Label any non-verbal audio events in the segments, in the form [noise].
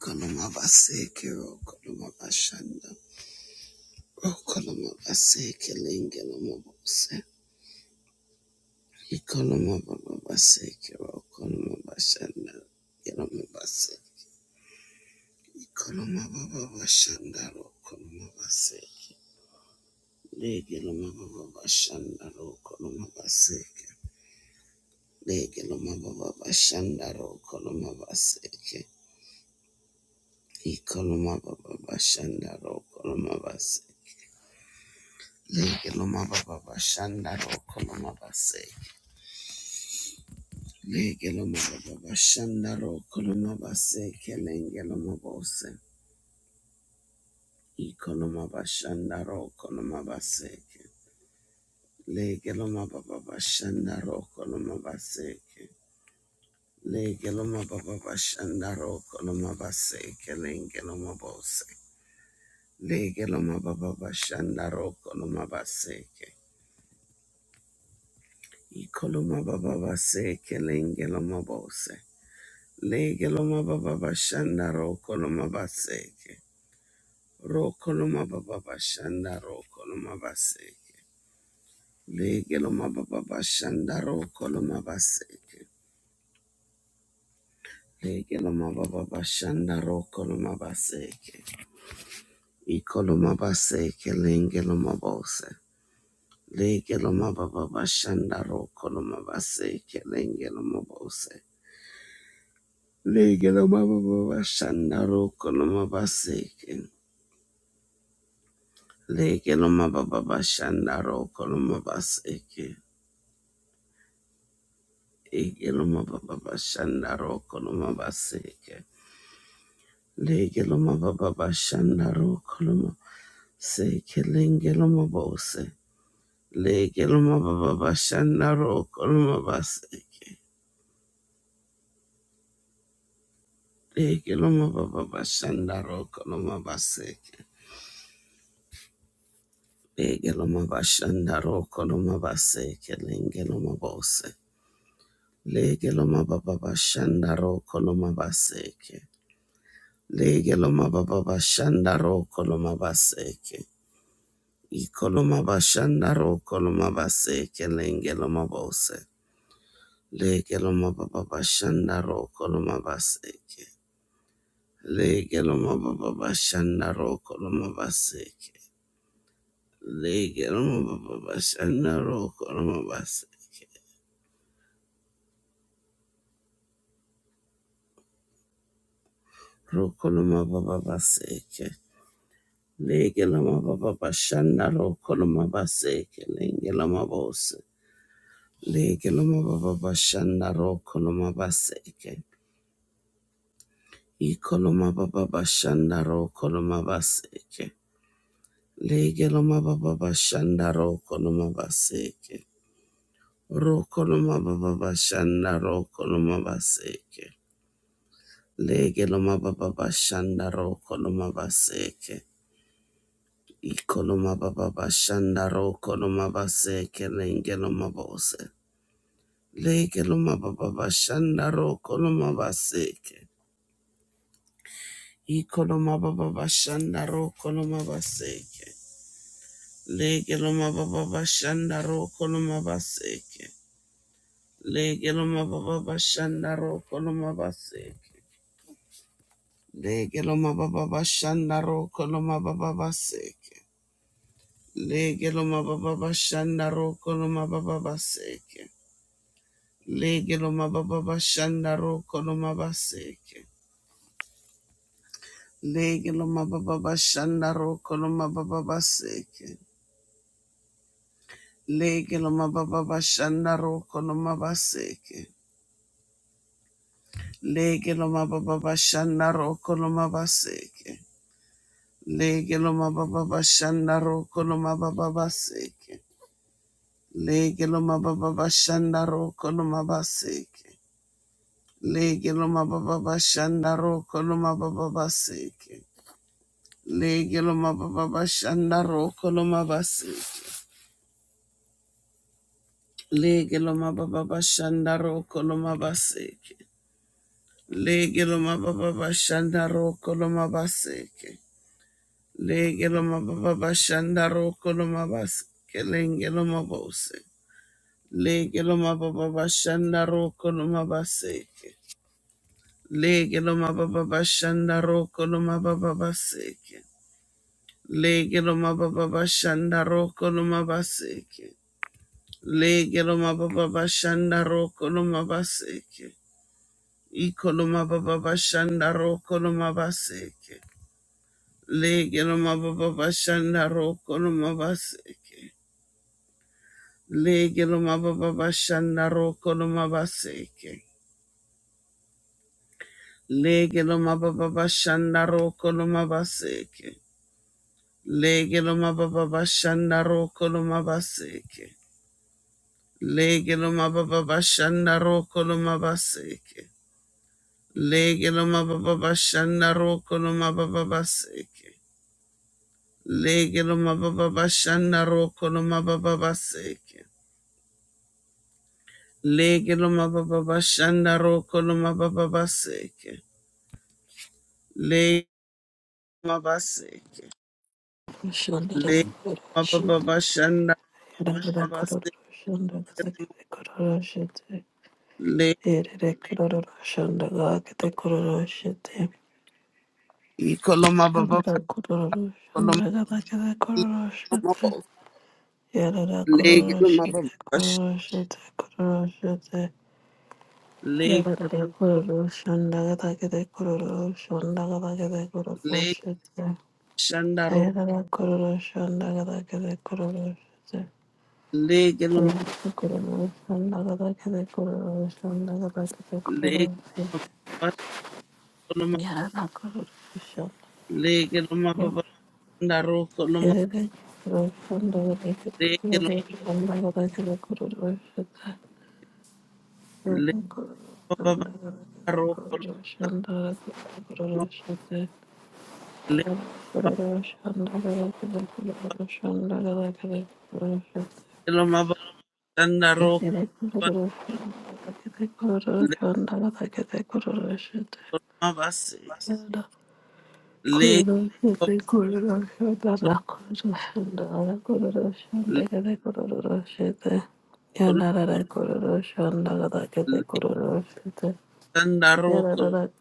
Koloma vaseke ro koloma vashanda ro koloma vaseke linge loma vose i koloma vava vaseke ro koloma vashanda loma vase i koloma vava vashanda ro koloma vase lege loma vava vashanda ro koloma vaseke lege loma vava vashanda ro koloma vaseke i koloma vava vashanda ro koloma vase Lege loma baba bashanda ro koloma base. Lege loma baba bashanda ro koloma base kelenge loma bose. I koloma bashanda ro koloma base. ke. Lege loma baba bashanda ro koloma base. ke. Lege loma baba bashanda ro koloma base kelenge loma bose. Lege loma baba bashanda ro koloma base. ke. I koloma baba base kelenge loma bose. Legeloma baba bashanda rokoloma baseke. Rokoloma baba bashanda rokoloma baseke. Legeloma baba bashanda rokoloma baseke. Legeloma baba bashanda rokoloma baseke. Ikoloma baseke lengeloma bose. Legeloma baba bashanda rokoloma baseke lengeloma bose. Legeloma baba bashanda rokoloma baseke. Legeloma baba bashanda roko loma baseke. Egeloma baba bashanda roko loma baseke. Legeloma baba bashanda roko loma seke lengeloma bose. Legeloma baba bashanda roko loma baseke. Legeloma baba bashanda roko loma baseke. Legeloma bashanda roko loma baseke lengeloma bose. Legeloma baba bashanda roko loma baseke. Legeloma baba bashanda ro koloma baseke. Ikoloma bashanda ro koloma baseke lengeloma bose. Legeloma baba bashanda ro koloma baseke. Legeloma baba bashanda ro koloma baseke. Legeloma baba bashanda ro koloma baseke. Ro koloma baba baseke. Legeloma baba bashanda ro koloma baseke lengeloma bose. Lege loma baba bashanda ro koloma baseke. Iko loma baba bashanda ro koloma baseke. Lege loma baba bashanda ro koloma baseke. Ro koloma baba bashanda ro koloma baseke. Lege loma baba bashanda ro koloma baseke. Iko loma baba bashanda ro koloma baseke. Lenge loma bose. Lege loma baba bashanda ro koloma baseke. Ikoloma baba bashanda ro koloma baseke. legeloma loma baba bashanda ro koloma baseke. legeloma loma baba bashanda ro koloma baseke. legeloma loma baba bashanda ro koloma baba baseke. Lege loma baba bashanda ro koloma baba baseke. Lege loma baba bashanda ro koloma baseke. legeloma loma baba bashanda ro koloma baba baseke. Lege lo mababa bashanda roko lo mabaseke. Lege lo mababa bashanda roko lo mabaseke. Lege lo mababa bashanda roko lo mababa baseke. Lege lo mababa bashanda roko lo mabaseke. Lege lo mababa bashanda roko lo mababa baseke. Lege lo mababa bashanda roko lo mabaseke. Lege lo mababa bashanda roko lo mabaseke. Lege loma baba bashanda roko loma baseke. Lege loma baba bashanda roko loma baseke. Lenge loma bose. Lege loma baba bashanda roko loma baseke. Lege loma baba bashanda roko loma baba baseke. Lege loma baba bashanda roko loma baseke. Lege loma baba bashanda roko loma baseke. Iko loma baba bashanda roko loma baseke. Lege no mababa bashanda roko no mabaseke. Lege no mababa bashanda roko no mabaseke. Lege no mababa bashanda roko no mabaseke. Lege no mababa bashanda roko no mabaseke. Lege no mababa bashanda roko no mabaseke. Lege no mababa bashanda roko no mababa baseke. Lege no mababa bashanda roko no mababa baseke. Lege loma baba bashanda roko loma baba baseke. Lege loma baseke. Yarara Lege loma baba bashanda loma baseke. Lege iko loma baba koloma loma bo. Lege loma baba bash. Lege kororo shanda gada gada lege shanda ro. kororo shete. Lege Shandala loma lege loma baba koloma. Lege loma baba shanda ro koloma. Lege loma lege baba ro koloma. Lege loma baba shanda ro. Lekonomavasik, Shanda Lekandaroko, Lekelomavavashandarovas,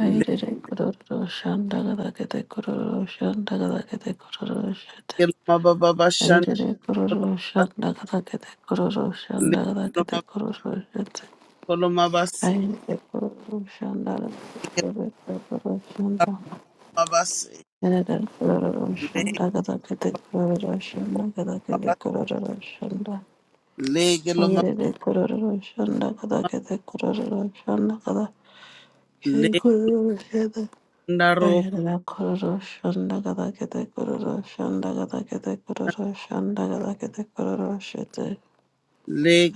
Ayerere kororo shandagarakete kororo shandagarakete kororo shete. Lekelomavakolomavasik, Ayerere kororo shandagarakete kororo shandagarakete kororo shete. Lekelomavasik, Ayerere kororo shandagarakete kororo shanda. Ayerere kororo shandagarakete kororo Lekelomavas, shandagarakete kororo shanda. Lekelomava, Ayerere kororo shandagarakete kororo shandagarakete kororo shete. Lekandaroko, Ayarara kororo shanda gada kete kororo shanda gada kete kororo shanda gada kete kororo shete.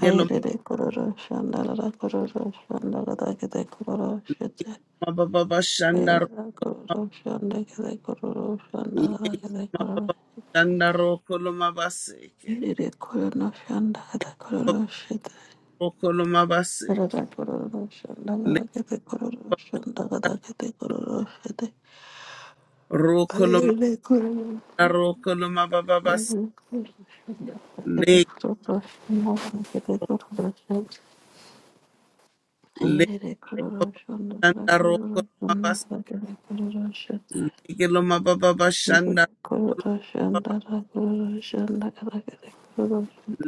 Ayarara kororo shanda gada kororo shanda gada kete kororo shete. Lekelomavavavashandaro, Ayarara kororo shanda kete kororo shanda gada kete kororo. Lekelomavavavashandarokolomavasik, Ayarara kororo shanda gada kororo shete. Ayarara kororo shanda gada Rokolomavasik, kete kororo shanda gada kete kororo shete. Ayarara kororo Rokoloma Shanda, babas le le shanda rokoloma babas legeloma babas shanda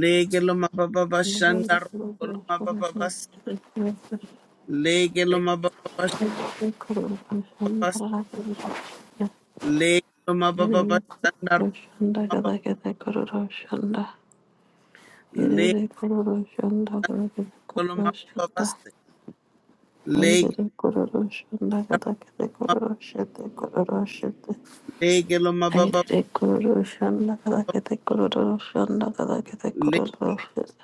legeloma babas shanda rokoloma babas legeloma babas babas legeloma babas shanda legeloma babas legeloma Aire kororoshanda kada kete kororoshete kororoshete. legeloma babas Aire kororoshanda kada kete kororoshanda kada kete le kororoshete.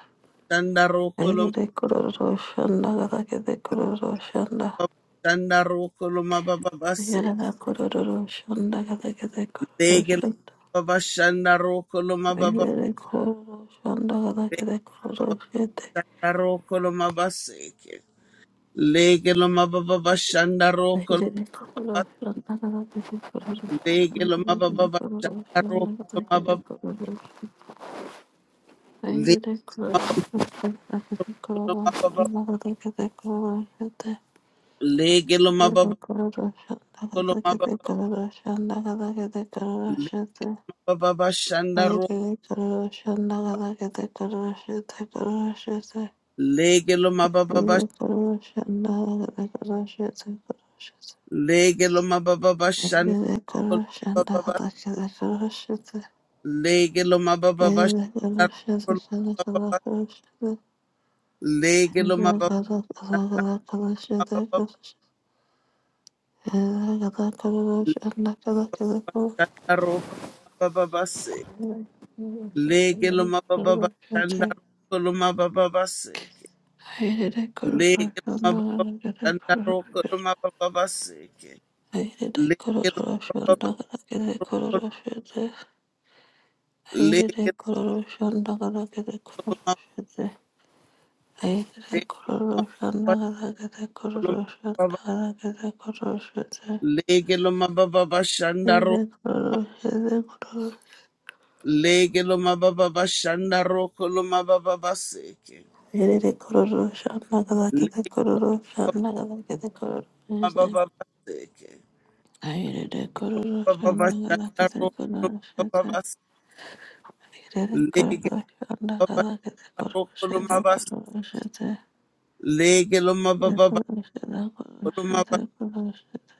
shanda rokoloma Aire kororoshanda kada kete kororoshanda. babas shanda rokoloma babas Yarada kororoshanda kada kete Lege kororoshete. baba shanda roko loma baba Aire kororoshanda kada kete kororoshete. Aire kororoshanda kada baba kete kororoshete. shanda roko loma baseke. Lege loma baba baba shanda roko Aire loma baba lege loma baba baba shanda roko kororoshanda kada kete kororoshete. Thank you. loma baba lege loma baba baba lege loma baba loma baba lege loma baba baba shanda roko lege loma baba baba lege loma baba baba shanda roko loma baba lege loma baba baba shanda roko loma baba Lege loma baba Ayrıca Roko mabababase. Lege lo mabababashanda roko lo mabababaseke. Lege lo mabababashanda roko lo mabababaseke. Lege lo mabababashanda lege lo mabababashanda lege lo mabababashanda ro kuruluş, lege lo mabababashanda roko lo mabababaseke. Terere kororo shana kada kete Lege lo kororo shana kada kete kororo shete. mabababaseke. Airere Lege kororo shana kada kete kororo shete. Airere kororo shana kada kete kororo shete kororo shete. Ne kororo shete kororo shete kororo shete.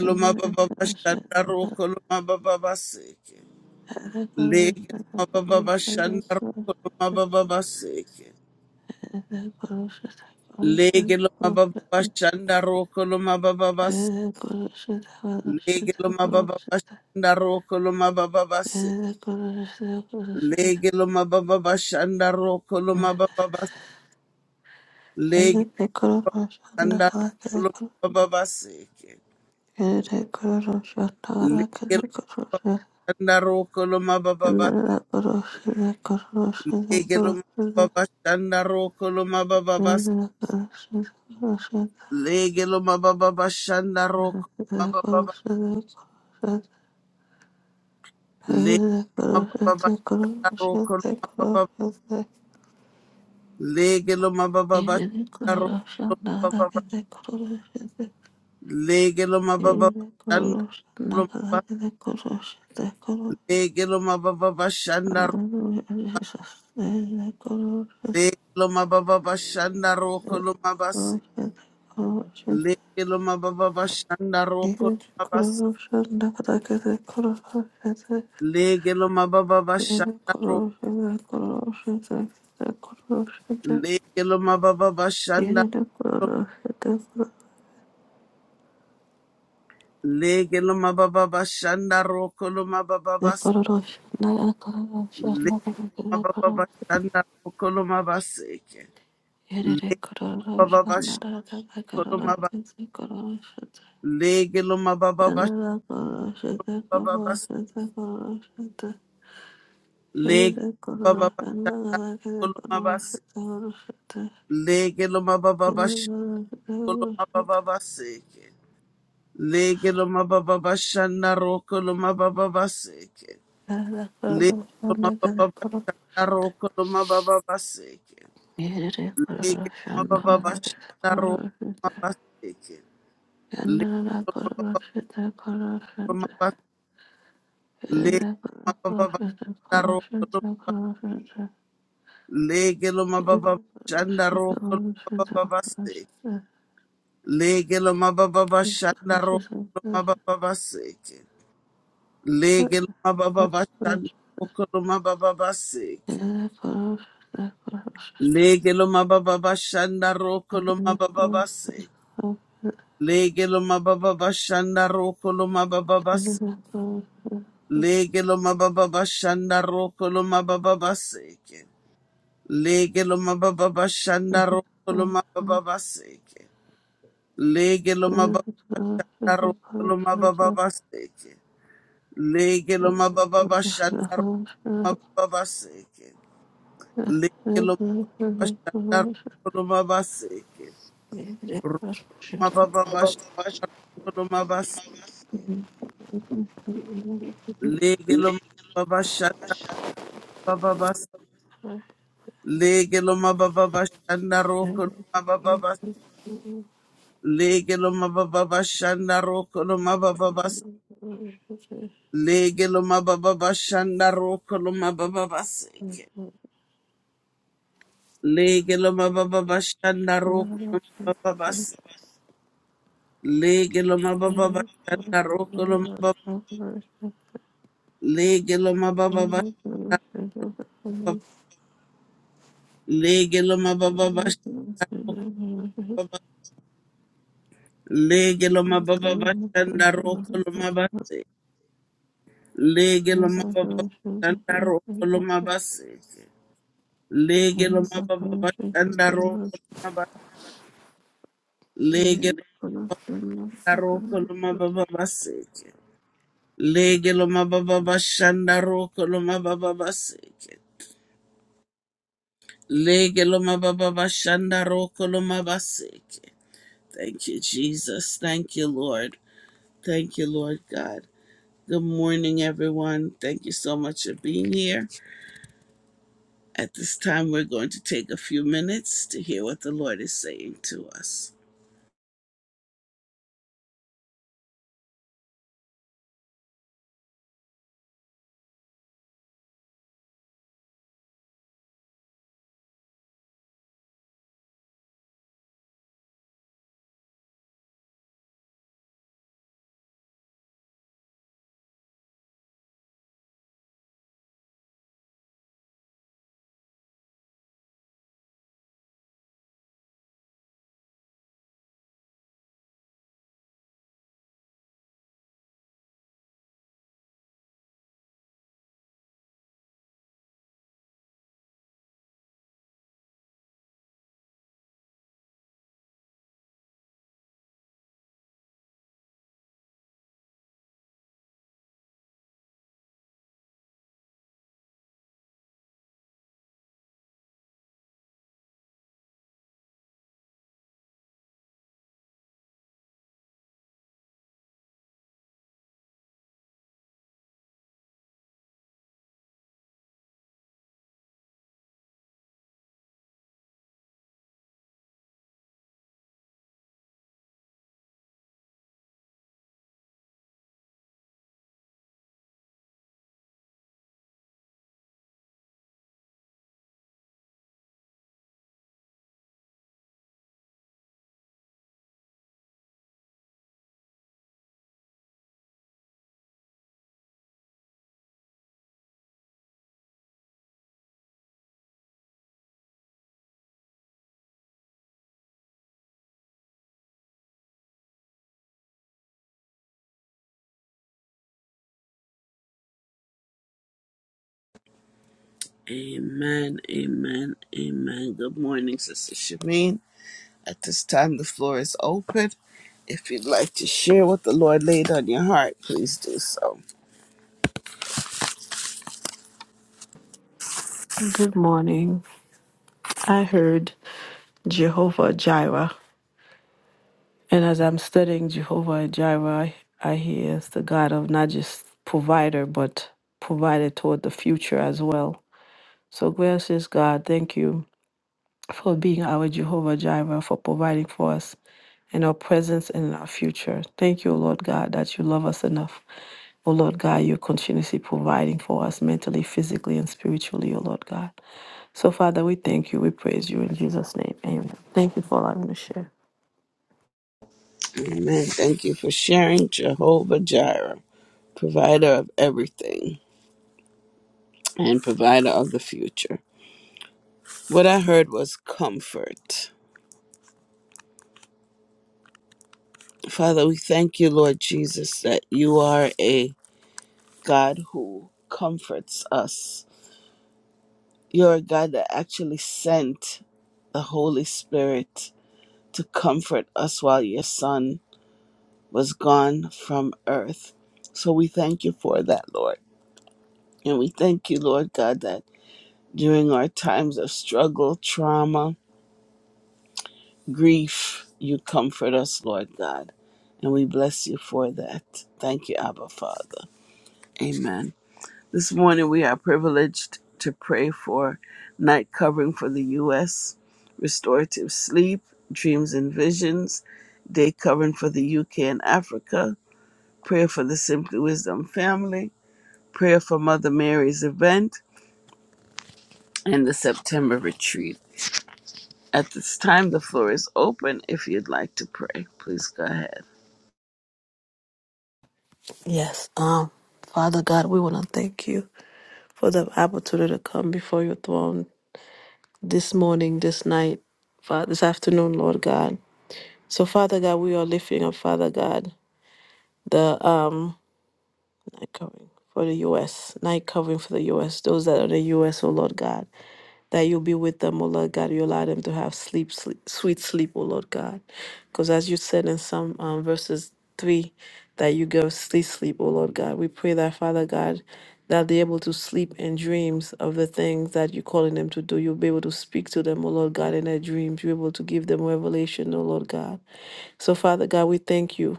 Airere kororo shete kororo shete kororo shete kororo shete Airere kororo shete kororo shete kororo shete Airere kororo shete kororo lo mababa bashanda shete kororo shete roko lo Thank you. mababa Lege anda kolo baba seke. Lege anda ro kolo baba baba. Lege lo baba anda ro kolo baba baba. Lege lo baba anda ro kolo baba Lege baba anda ro kolo baba Lege lo baba anda ro kolo baba Lege lo baba anda ro kolo baba. Lege lo baba Thank Leke loma baba bashanda roko loma basi. Leke loma baba bashanda roko loma basi. Leke loma baba bashanda roko. Leke loma baba bashanda roko. Leke loma baba bashanda roko loma baba basi. Leke loma baba bashanda roko loma basi. Leke baba bashanda loma basi. Leke loma baba bashanda loma basi. you. Yeah, Leke baba bashanda roko loma basi. loma baba Kolomabababaseke. Legelomabababashandaro kolomabababaseke. Legelomabababashandaro kolomabababaseke. Legelomabababashandaro kolomabaseke. Legelomabababas- Legelomabababashandaro kolomaba- Legelomabababashandaro kolomabababaseke. Legelomabababashandaro kolomabababaseke. Lege loma baba bashanda roko loma baba baseke. Lege loma baba bashanda roko Thank loma baba baseke. Lege loma baba bashanda roko loma baba baseke. Lege loma baba bashanda roko loma baba baseke. Lege loma baba bashanda roko loma baba baseke. Lege loma baba bashanda roko loma baba baseke. Lege loma baba bashanda roko loma baba baseke. Lekelo mabashandaro mabaseke. Mabababashandaro mabas. Lekelo mabababashandaro mabas. Lekelo mabababashandaro mabababas. Lekelo mabababashandaro mabababas. Lekelo mabababashandaro mabababaseke. Lekelo mabababashandaro mabababas. Lekelo mabababashandaro Legelo mababa bashanda legelo mababa bashoko you. baba legelo Good mababa bashanda roko morning. lomabase legelo mababa bashanda roko lomabase legelo mababa bashanda roko lomabase legelo roko lomababa baseke legelo mababa bashanda roko lomababa baseke legelo mababa bashanda roko lomabaseke Thank you, Jesus. Thank you, Lord. Thank you, Lord God. Good morning, everyone. Thank you so much for being here. At this time, we're going to take a few minutes to hear what the Lord is saying to us. Amen, amen, amen. Good morning, Sister Shameen. At this time, the floor is open. If you'd like to share what the Lord laid on your heart, please do so. I heard Jehovah Jireh, and as I'm studying Jehovah Jireh, I hear it's the God of not just provider, but provider toward the future as well. So, gracious God, thank you for being our Jehovah Jireh, for providing for us in our presence and in our future. Thank you, O Lord God, that you love us enough. O Lord God, you're continuously providing for us mentally, physically, and spiritually, O Lord God. So, Father, we thank you. We praise you in Jesus' name. Amen. Thank you for allowing me to share. Amen. Thank you for sharing, Jehovah Jireh, provider of everything and provider of the future. What I heard was comfort. Father, we thank you, Lord Jesus, that you are a God who comforts us. You're a God that actually sent the Holy Spirit to comfort us while your Son was gone from earth. So we thank you for that, Lord. And we thank you, Lord God, that during our times of struggle, trauma, grief, you comfort us, Lord God. And we bless you for that. Thank you, Abba Father. Amen. This morning we are privileged to pray for night covering for the U.S., restorative sleep, dreams and visions, day covering for the U.K. and Africa, prayer for the Simply Wisdom family, prayer for Mother Mary's event, and the September retreat. At this time, the floor is open. If you'd like to pray, please go ahead. Yes. Um, Father God, we want to thank you for the opportunity to come before your throne this morning, this night, Father, this afternoon, Lord God. So, Father God, we are lifting up, Father God, the um night covering for the U.S., night covering for the U.S., those that are in the U.S., oh Lord God, that you'll be with them, oh Lord God. You allow them to have sleep, sleep sweet sleep, oh Lord God. Because as you said in some um, verses 3, that you give sleep, sleep, oh Lord God. We pray that, Father God, that they're able to sleep in dreams of the things that you're calling them to do. You'll be able to speak to them, oh Lord God, in their dreams. You're able to give them revelation, oh Lord God. So, Father God, we thank you.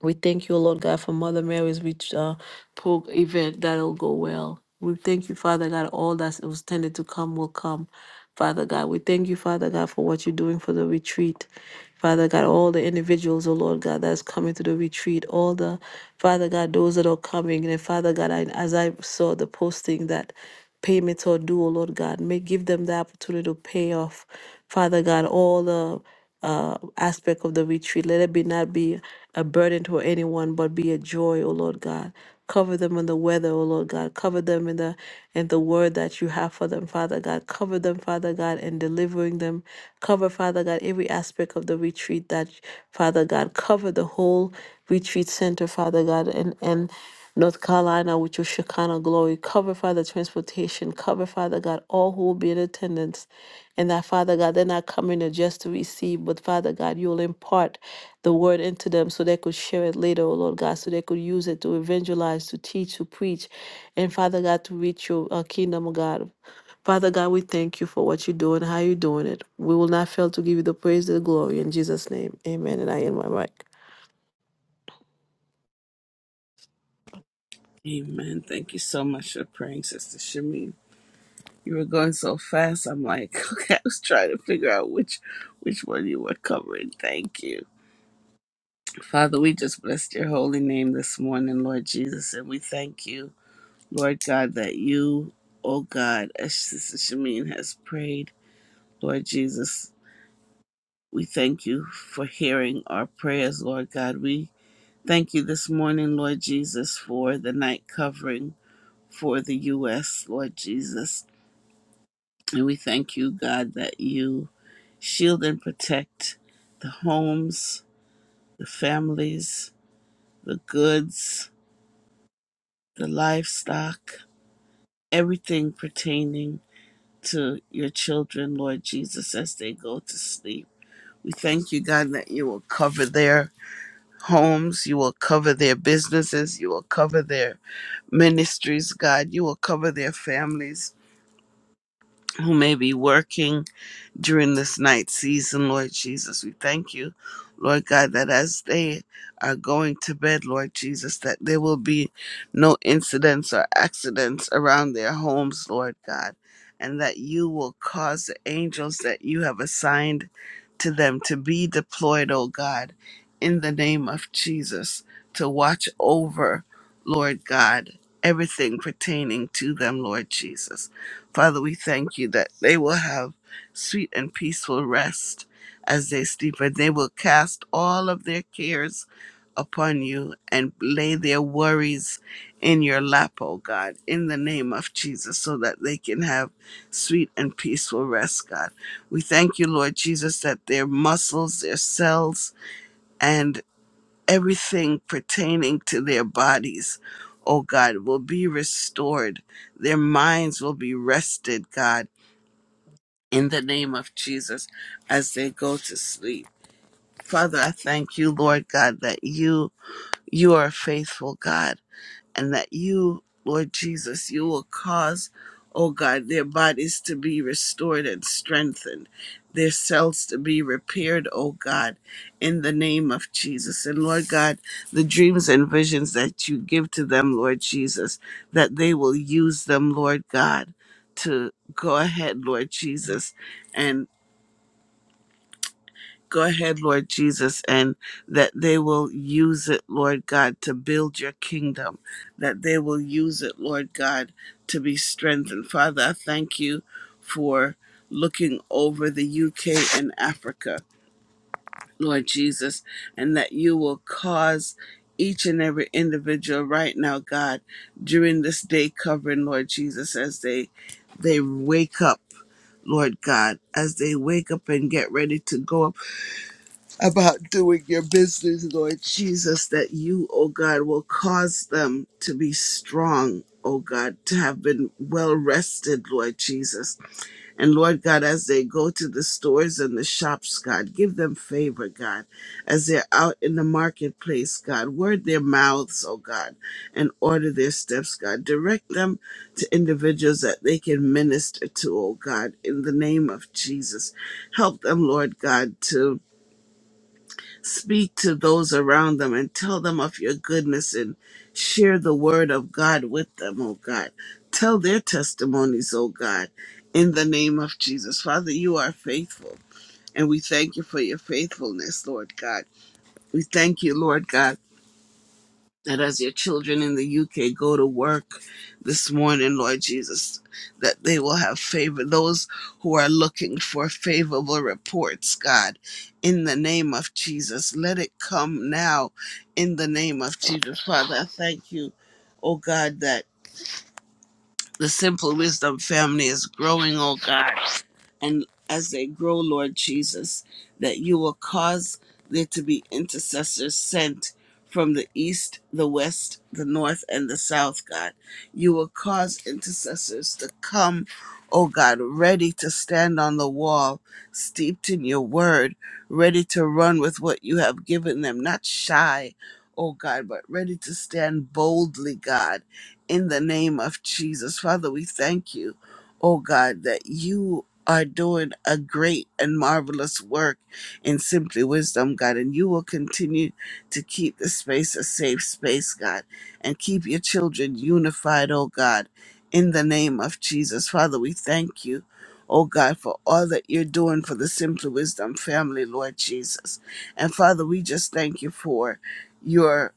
We thank you, Lord God, for Mother Mary's rich uh, pro- event that'll go well. We thank you, Father God, all that was tended to come will come. Father God, we thank you, Father God, for what you're doing for the retreat. Father God, all the individuals, oh Lord God, that's coming to the retreat, all the, Father God, those that are coming. And Father God, I, as I saw the posting that payments are due, oh Lord God, may give them the opportunity to pay off, Father God, all the uh, aspect of the retreat. Let it be not be a burden to anyone, but be a joy, O Lord God. Cover them in the weather, O Lord God. Cover them in the in the word that you have for them, Father God. Cover them, Father God, in delivering them. Cover, Father God, every aspect of the retreat that Father God. Cover the whole retreat center, Father God, and and North Carolina with your Shekinah glory. Cover, Father, transportation. Cover, Father God, all who will be in attendance. And that, Father God, they're not coming there just to receive, but Father God, you'll impart the word into them so they could share it later, oh Lord God, so they could use it to evangelize, to teach, to preach, and Father God, to reach your uh, kingdom, oh God. Father God, we thank you for what you're doing, how you're doing it. We will not fail to give you the praise and the glory. In Jesus' name, amen. And I end my mic. Amen. Thank you so much for praying, Sister Shamin. You were going so fast. I'm like, [laughs] okay, I was trying to figure out which which one you were covering. Thank you. Father, we just blessed your holy name this morning, Lord Jesus, and we thank you, Lord God, that you, oh God, as Sister Shamin has prayed, Lord Jesus, we thank you for hearing our prayers, Lord God. We thank you this morning, Lord Jesus, for the night covering for the U.S., Lord Jesus. And we thank you, God, that you shield and protect the homes, the families, the goods, the livestock, everything pertaining to your children, Lord Jesus, as they go to sleep. We thank you, God, that you will cover their homes, you will cover their businesses, you will cover their ministries, God. You will cover their families who may be working during this night season, Lord Jesus. We thank you, Lord God, that as they are going to bed, Lord Jesus, that there will be no incidents or accidents around their homes, Lord God, and that you will cause the angels that you have assigned to them to be deployed, oh God, in the name of Jesus, to watch over, Lord God. Everything pertaining to them, Lord Jesus. Father, we thank you that they will have sweet and peaceful rest as they sleep, and they will cast all of their cares upon you and lay their worries in your lap, oh God, in the name of Jesus, so that they can have sweet and peaceful rest, God. We thank you, Lord Jesus, that their muscles, their cells, and everything pertaining to their bodies, oh God, will be restored. Their minds will be rested, God in the name of Jesus as they go to sleep. Father, I thank you, Lord God, that you you are a faithful God and that you, Lord Jesus, you will cause, oh God, their bodies to be restored and strengthened, their cells to be repaired, oh God, in the name of Jesus. And Lord God, the dreams and visions that you give to them, Lord Jesus, that they will use them, Lord God, to go ahead, Lord Jesus, and Go ahead, Lord Jesus, and that they will use it, Lord God, to build your kingdom, that they will use it, Lord God, to be strengthened. Father, I thank you for looking over the UK and Africa, Lord Jesus, and that you will cause each and every individual right now, God, during this day covering, Lord Jesus, as they they wake up, Lord God, as they wake up and get ready to go about doing your business, Lord Jesus, that you, O God, will cause them to be strong, O God, to have been well rested, Lord Jesus. And Lord God, as they go to the stores and the shops, God, give them favor, God, as they're out in the marketplace, God, word their mouths, O God, and order their steps, God. Direct them to individuals that they can minister to, O God, in the name of Jesus. Help them, Lord God, to Speak to those around them and tell them of your goodness and share the word of God with them, oh God. Tell their testimonies, oh God, in the name of Jesus. Father, you are faithful, and we thank you for your faithfulness, Lord God. We thank you, Lord God that as your children in the UK go to work this morning, Lord Jesus, that they will have favor. Those who are looking for favorable reports, God, in the name of Jesus, let it come now in the name of Jesus. Father, I thank you, oh God, that. The Simple Wisdom family is growing, oh God. And as they grow, Lord Jesus, that you will cause there to be intercessors sent from the east, the west, the north, and the south, God. You will cause intercessors to come, oh God, ready to stand on the wall, steeped in your word, ready to run with what you have given them, not shy, oh God, but ready to stand boldly, God in the name of Jesus. Father, we thank you, oh God, that you are doing a great and marvelous work in Simply Wisdom, God, and you will continue to keep the space a safe space, God, and keep your children unified, oh God, in the name of Jesus. Father, we thank you. Oh God, for all that you're doing for the Simply Wisdom family, Lord Jesus. And Father, we just thank you for your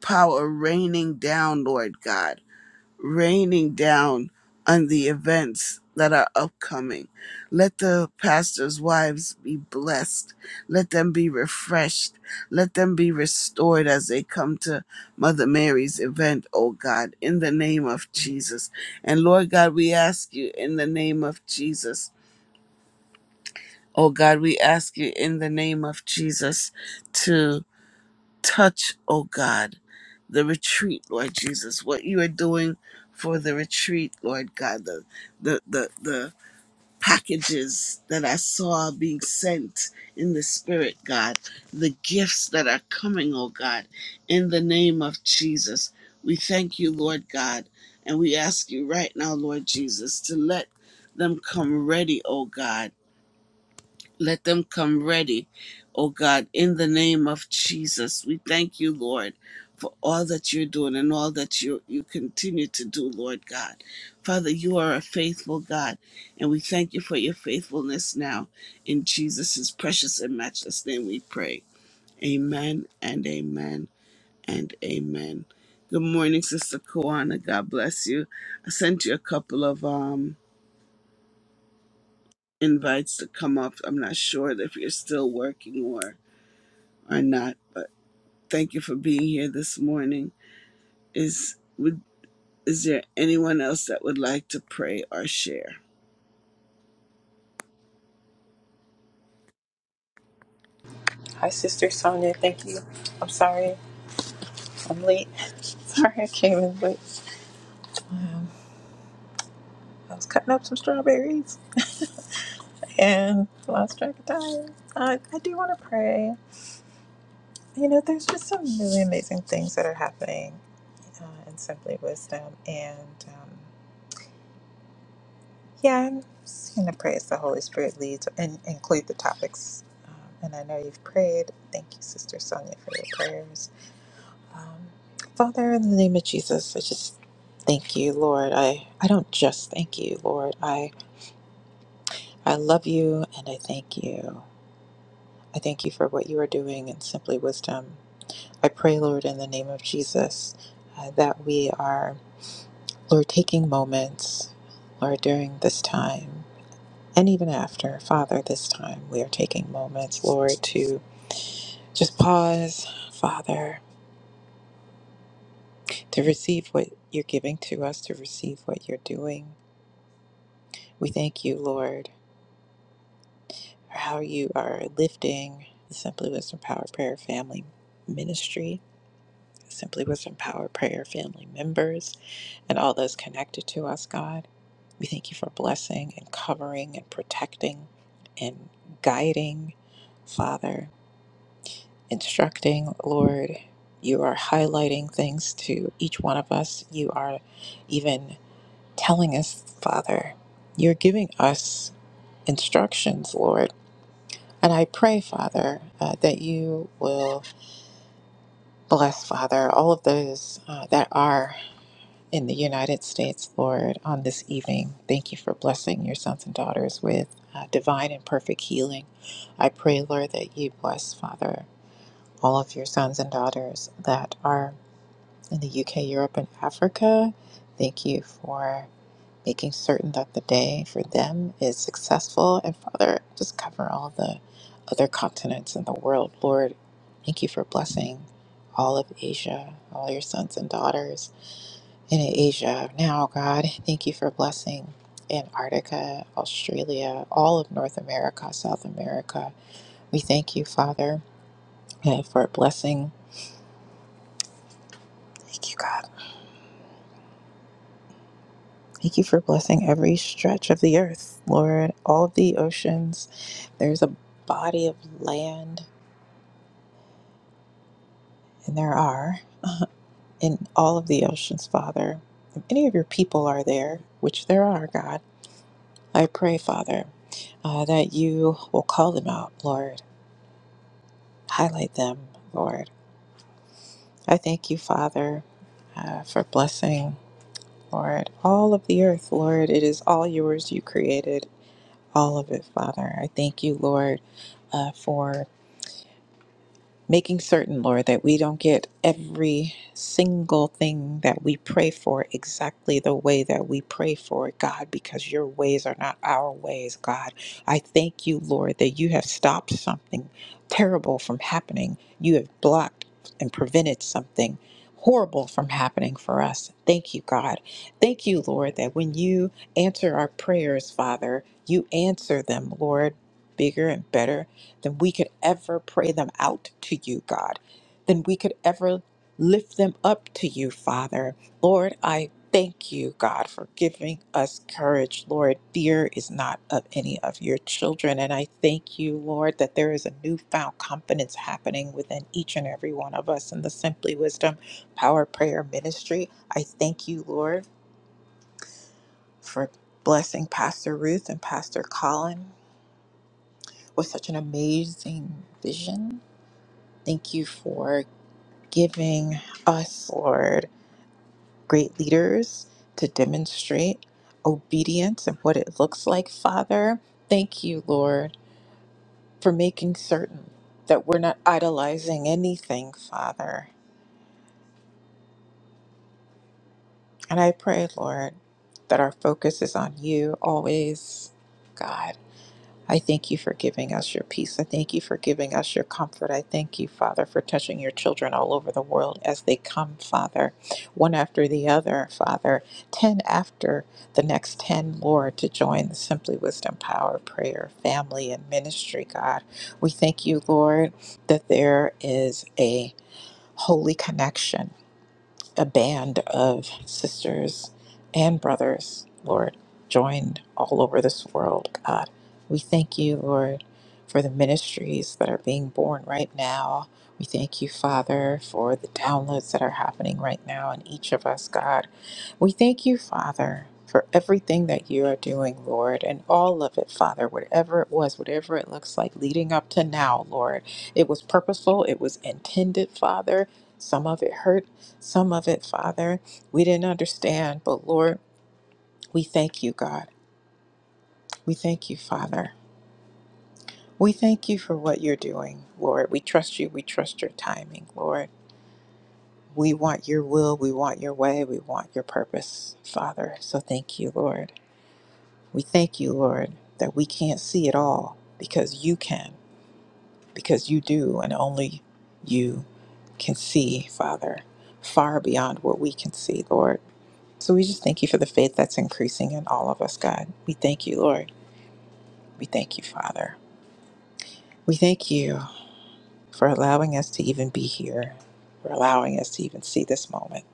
power raining down, Lord God raining down on the events that are upcoming. Let the pastors' wives be blessed. Let them be refreshed. Let them be restored as they come to Mother Mary's event, oh God, in the name of Jesus. And Lord God, we ask you in the name of Jesus. Oh God, we ask you in the name of Jesus to touch, oh God, the retreat, Lord Jesus, what you are doing for the retreat, Lord God, the the the, the packages that I saw being sent in the spirit, God, the gifts that are coming, oh God, in the name of Jesus. We thank you, Lord God, and we ask you right now, Lord Jesus, to let them come ready, oh God let them come ready, oh God, in the name of Jesus. We thank you, Lord, for all that you're doing and all that you you continue to do, Lord God. Father, you are a faithful God, and we thank you for your faithfulness now. In Jesus' precious and matchless name we pray. Amen and amen and amen. Good morning, Sister Kawana. God bless you. I sent you a couple of um invites to come up. I'm not sure if you're still working or or not, but thank you for being here this morning. Is would is there anyone else that would like to pray or share? Hi, Sister Sonia. Thank you. I'm sorry I'm late. [laughs] Sorry I came in late. Um, I was cutting up some strawberries and lost track of time. I, I do want to pray. You know, there's just some really amazing things that are happening uh, in Simply Wisdom. And um, yeah, I'm just going to pray as the Holy Spirit leads and include the topics. Um, and I know you've prayed. Thank you, Sister Sonia, for your prayers. Um, Father, in the name of Jesus, I just thank you, Lord. I, I don't just thank you, Lord. I, I love you and I thank you. I thank you for what you are doing in Simply Wisdom. I pray, Lord, in the name of Jesus, uh, that we are, Lord, taking moments, Lord, during this time and even after, Father, this time, we are taking moments, Lord, to just pause, Father, to receive what you're giving to us, to receive what you're doing. We thank you, Lord, for how you are lifting the Simply Wisdom Power Prayer family ministry, Simply Wisdom Power Prayer family members, and all those connected to us, God. We thank you for blessing and covering and protecting and guiding, Father, instructing, Lord. You are highlighting things to each one of us. You are even telling us, Father, you're giving us instructions, Lord And I pray, Father, uh, that you will bless, Father, all of those uh, that are in the United States, Lord, on this evening. Thank you for blessing your sons and daughters with uh, divine and perfect healing. I pray, Lord, that you bless, Father, all of your sons and daughters that are in the UK, Europe, and Africa. Thank you for. making certain that the day for them is successful. And Father, just cover all the other continents in the world. Lord, thank you for blessing all of Asia, all your sons and daughters in Asia. Now, God, thank you for blessing Antarctica, Australia, all of North America, South America. We thank you, Father, uh, for blessing. Thank you, God. Thank you for blessing every stretch of the earth, Lord, all of the oceans. There's a body of land, and there are in all of the oceans, Father. If any of your people are there, which there are, God, I pray, Father, uh, that you will call them out, Lord. Highlight them, Lord. I thank you, Father, uh, for blessing, Lord, all of the earth, Lord. It is all yours you created, all of it, Father. I thank you, Lord, uh, for. making certain, Lord, that we don't get every single thing that we pray for exactly the way that we pray for it, God, because your ways are not our ways, God. I thank you, Lord, that you have stopped something terrible from happening. You have blocked and prevented something horrible from happening for us. Thank you, God. Thank you, Lord, that when you answer our prayers, Father, you answer them, Lord, bigger and better than we could ever pray them out to you, God, than we could ever lift them up to you, Father. Lord, I thank you, God, for giving us courage. Lord, fear is not of any of your children. And I thank you, Lord, that there is a newfound confidence happening within each and every one of us in the Simply Wisdom Power Prayer Ministry. I thank you, Lord, for blessing Pastor Ruth and Pastor Colin with such an amazing vision Thank you for giving us, Lord, great leaders to demonstrate obedience and what it looks like, Father. Thank you, Lord, for making certain that we're not idolizing anything, Father. And I pray, Lord, that our focus is on you always, God. I thank you for giving us your peace. I thank you for giving us your comfort. I thank you, Father, for touching your children all over the world as they come, Father, one after the other, Father, 10 after the next 10, Lord, to join the Simply Wisdom Power Prayer family and ministry, God. We thank you, Lord, that there is a holy connection a band of sisters and brothers, Lord, joined all over this world, God. We thank you, Lord, for the ministries that are being born right now. We thank you, Father, for the downloads that are happening right now in each of us, God. We thank you, Father, for everything that you are doing, Lord, and all of it, Father, whatever it was, whatever it looks like leading up to now, Lord. It was purposeful, it was intended, Father. Some of it hurt, some of it, Father, we didn't understand, but Lord, we thank you, God. We thank you, Father. We thank you for what you're doing, Lord. We trust you. We trust your timing, Lord. We want your will. We want your way. We want your purpose, Father. So thank you, Lord. We thank you, Lord, that we can't see it all because you can, because you do, and only you can see, Father, far beyond what we can see, Lord. So we just thank you for the faith that's increasing in all of us, God. We thank you, Lord. We thank you, Father. We thank you for allowing us to even be here, for allowing us to even see this moment,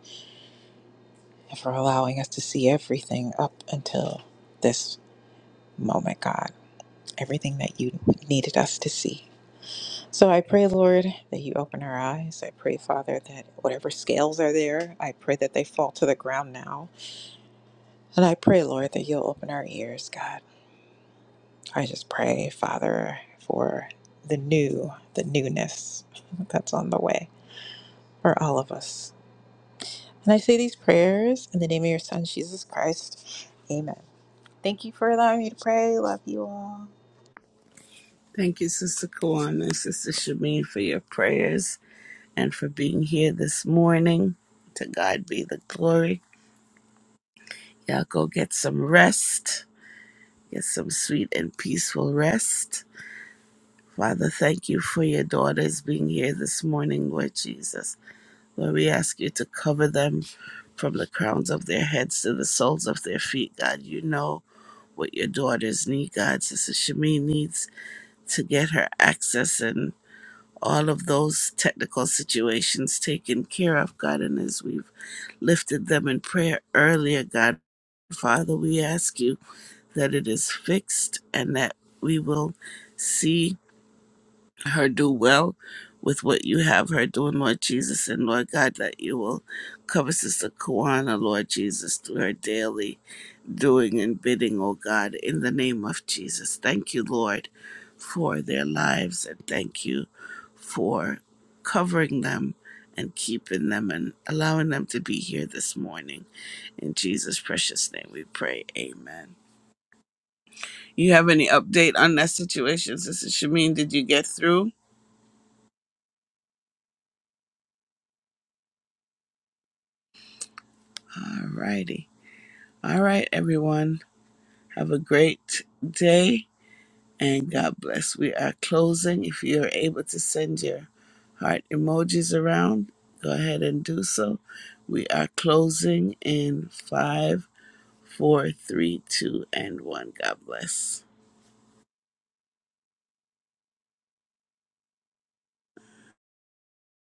and for allowing us to see everything up until this moment, God. Everything that you needed us to see. So I pray, Lord, that you open our eyes. I pray, Father, that whatever scales are there, I pray that they fall to the ground now. And I pray, Lord, that you'll open our ears, God. I just pray, Father, for the new, the newness [laughs] that's on the way for all of us. And I say these prayers in the name of your Son, Jesus Christ. Amen. Thank you for allowing me to pray. Love you all. Thank you, Sister Kawana and Sister Shamin, for your prayers and for being here this morning. To God be the glory. Y'all go get some rest. Get some sweet and peaceful rest. Father, thank you for your daughters being here this morning, Lord Jesus. Lord, we ask you to cover them from the crowns of their heads to the soles of their feet. God, you know what your daughters need, God. Sister Shami needs to get her access and all of those technical situations taken care of, God. And as we've lifted them in prayer earlier, God, Father, we ask you that it is fixed and that we will see her do well with what you have her doing, Lord Jesus. And Lord God, that you will cover Sister Kawana, Lord Jesus, through her daily doing and bidding, oh God, in the name of Jesus. Thank you, Lord, for their lives and thank you for covering them and keeping them and allowing them to be here this morning. In Jesus' precious name we pray. Amen. You have any update on that situation, Sister Shamin? Did you get through? All righty. All right, everyone. Have a great day and God bless. We are closing. If you're able to send your heart emojis around, go ahead and do so. We are closing in five, four, three, two, and one. God bless.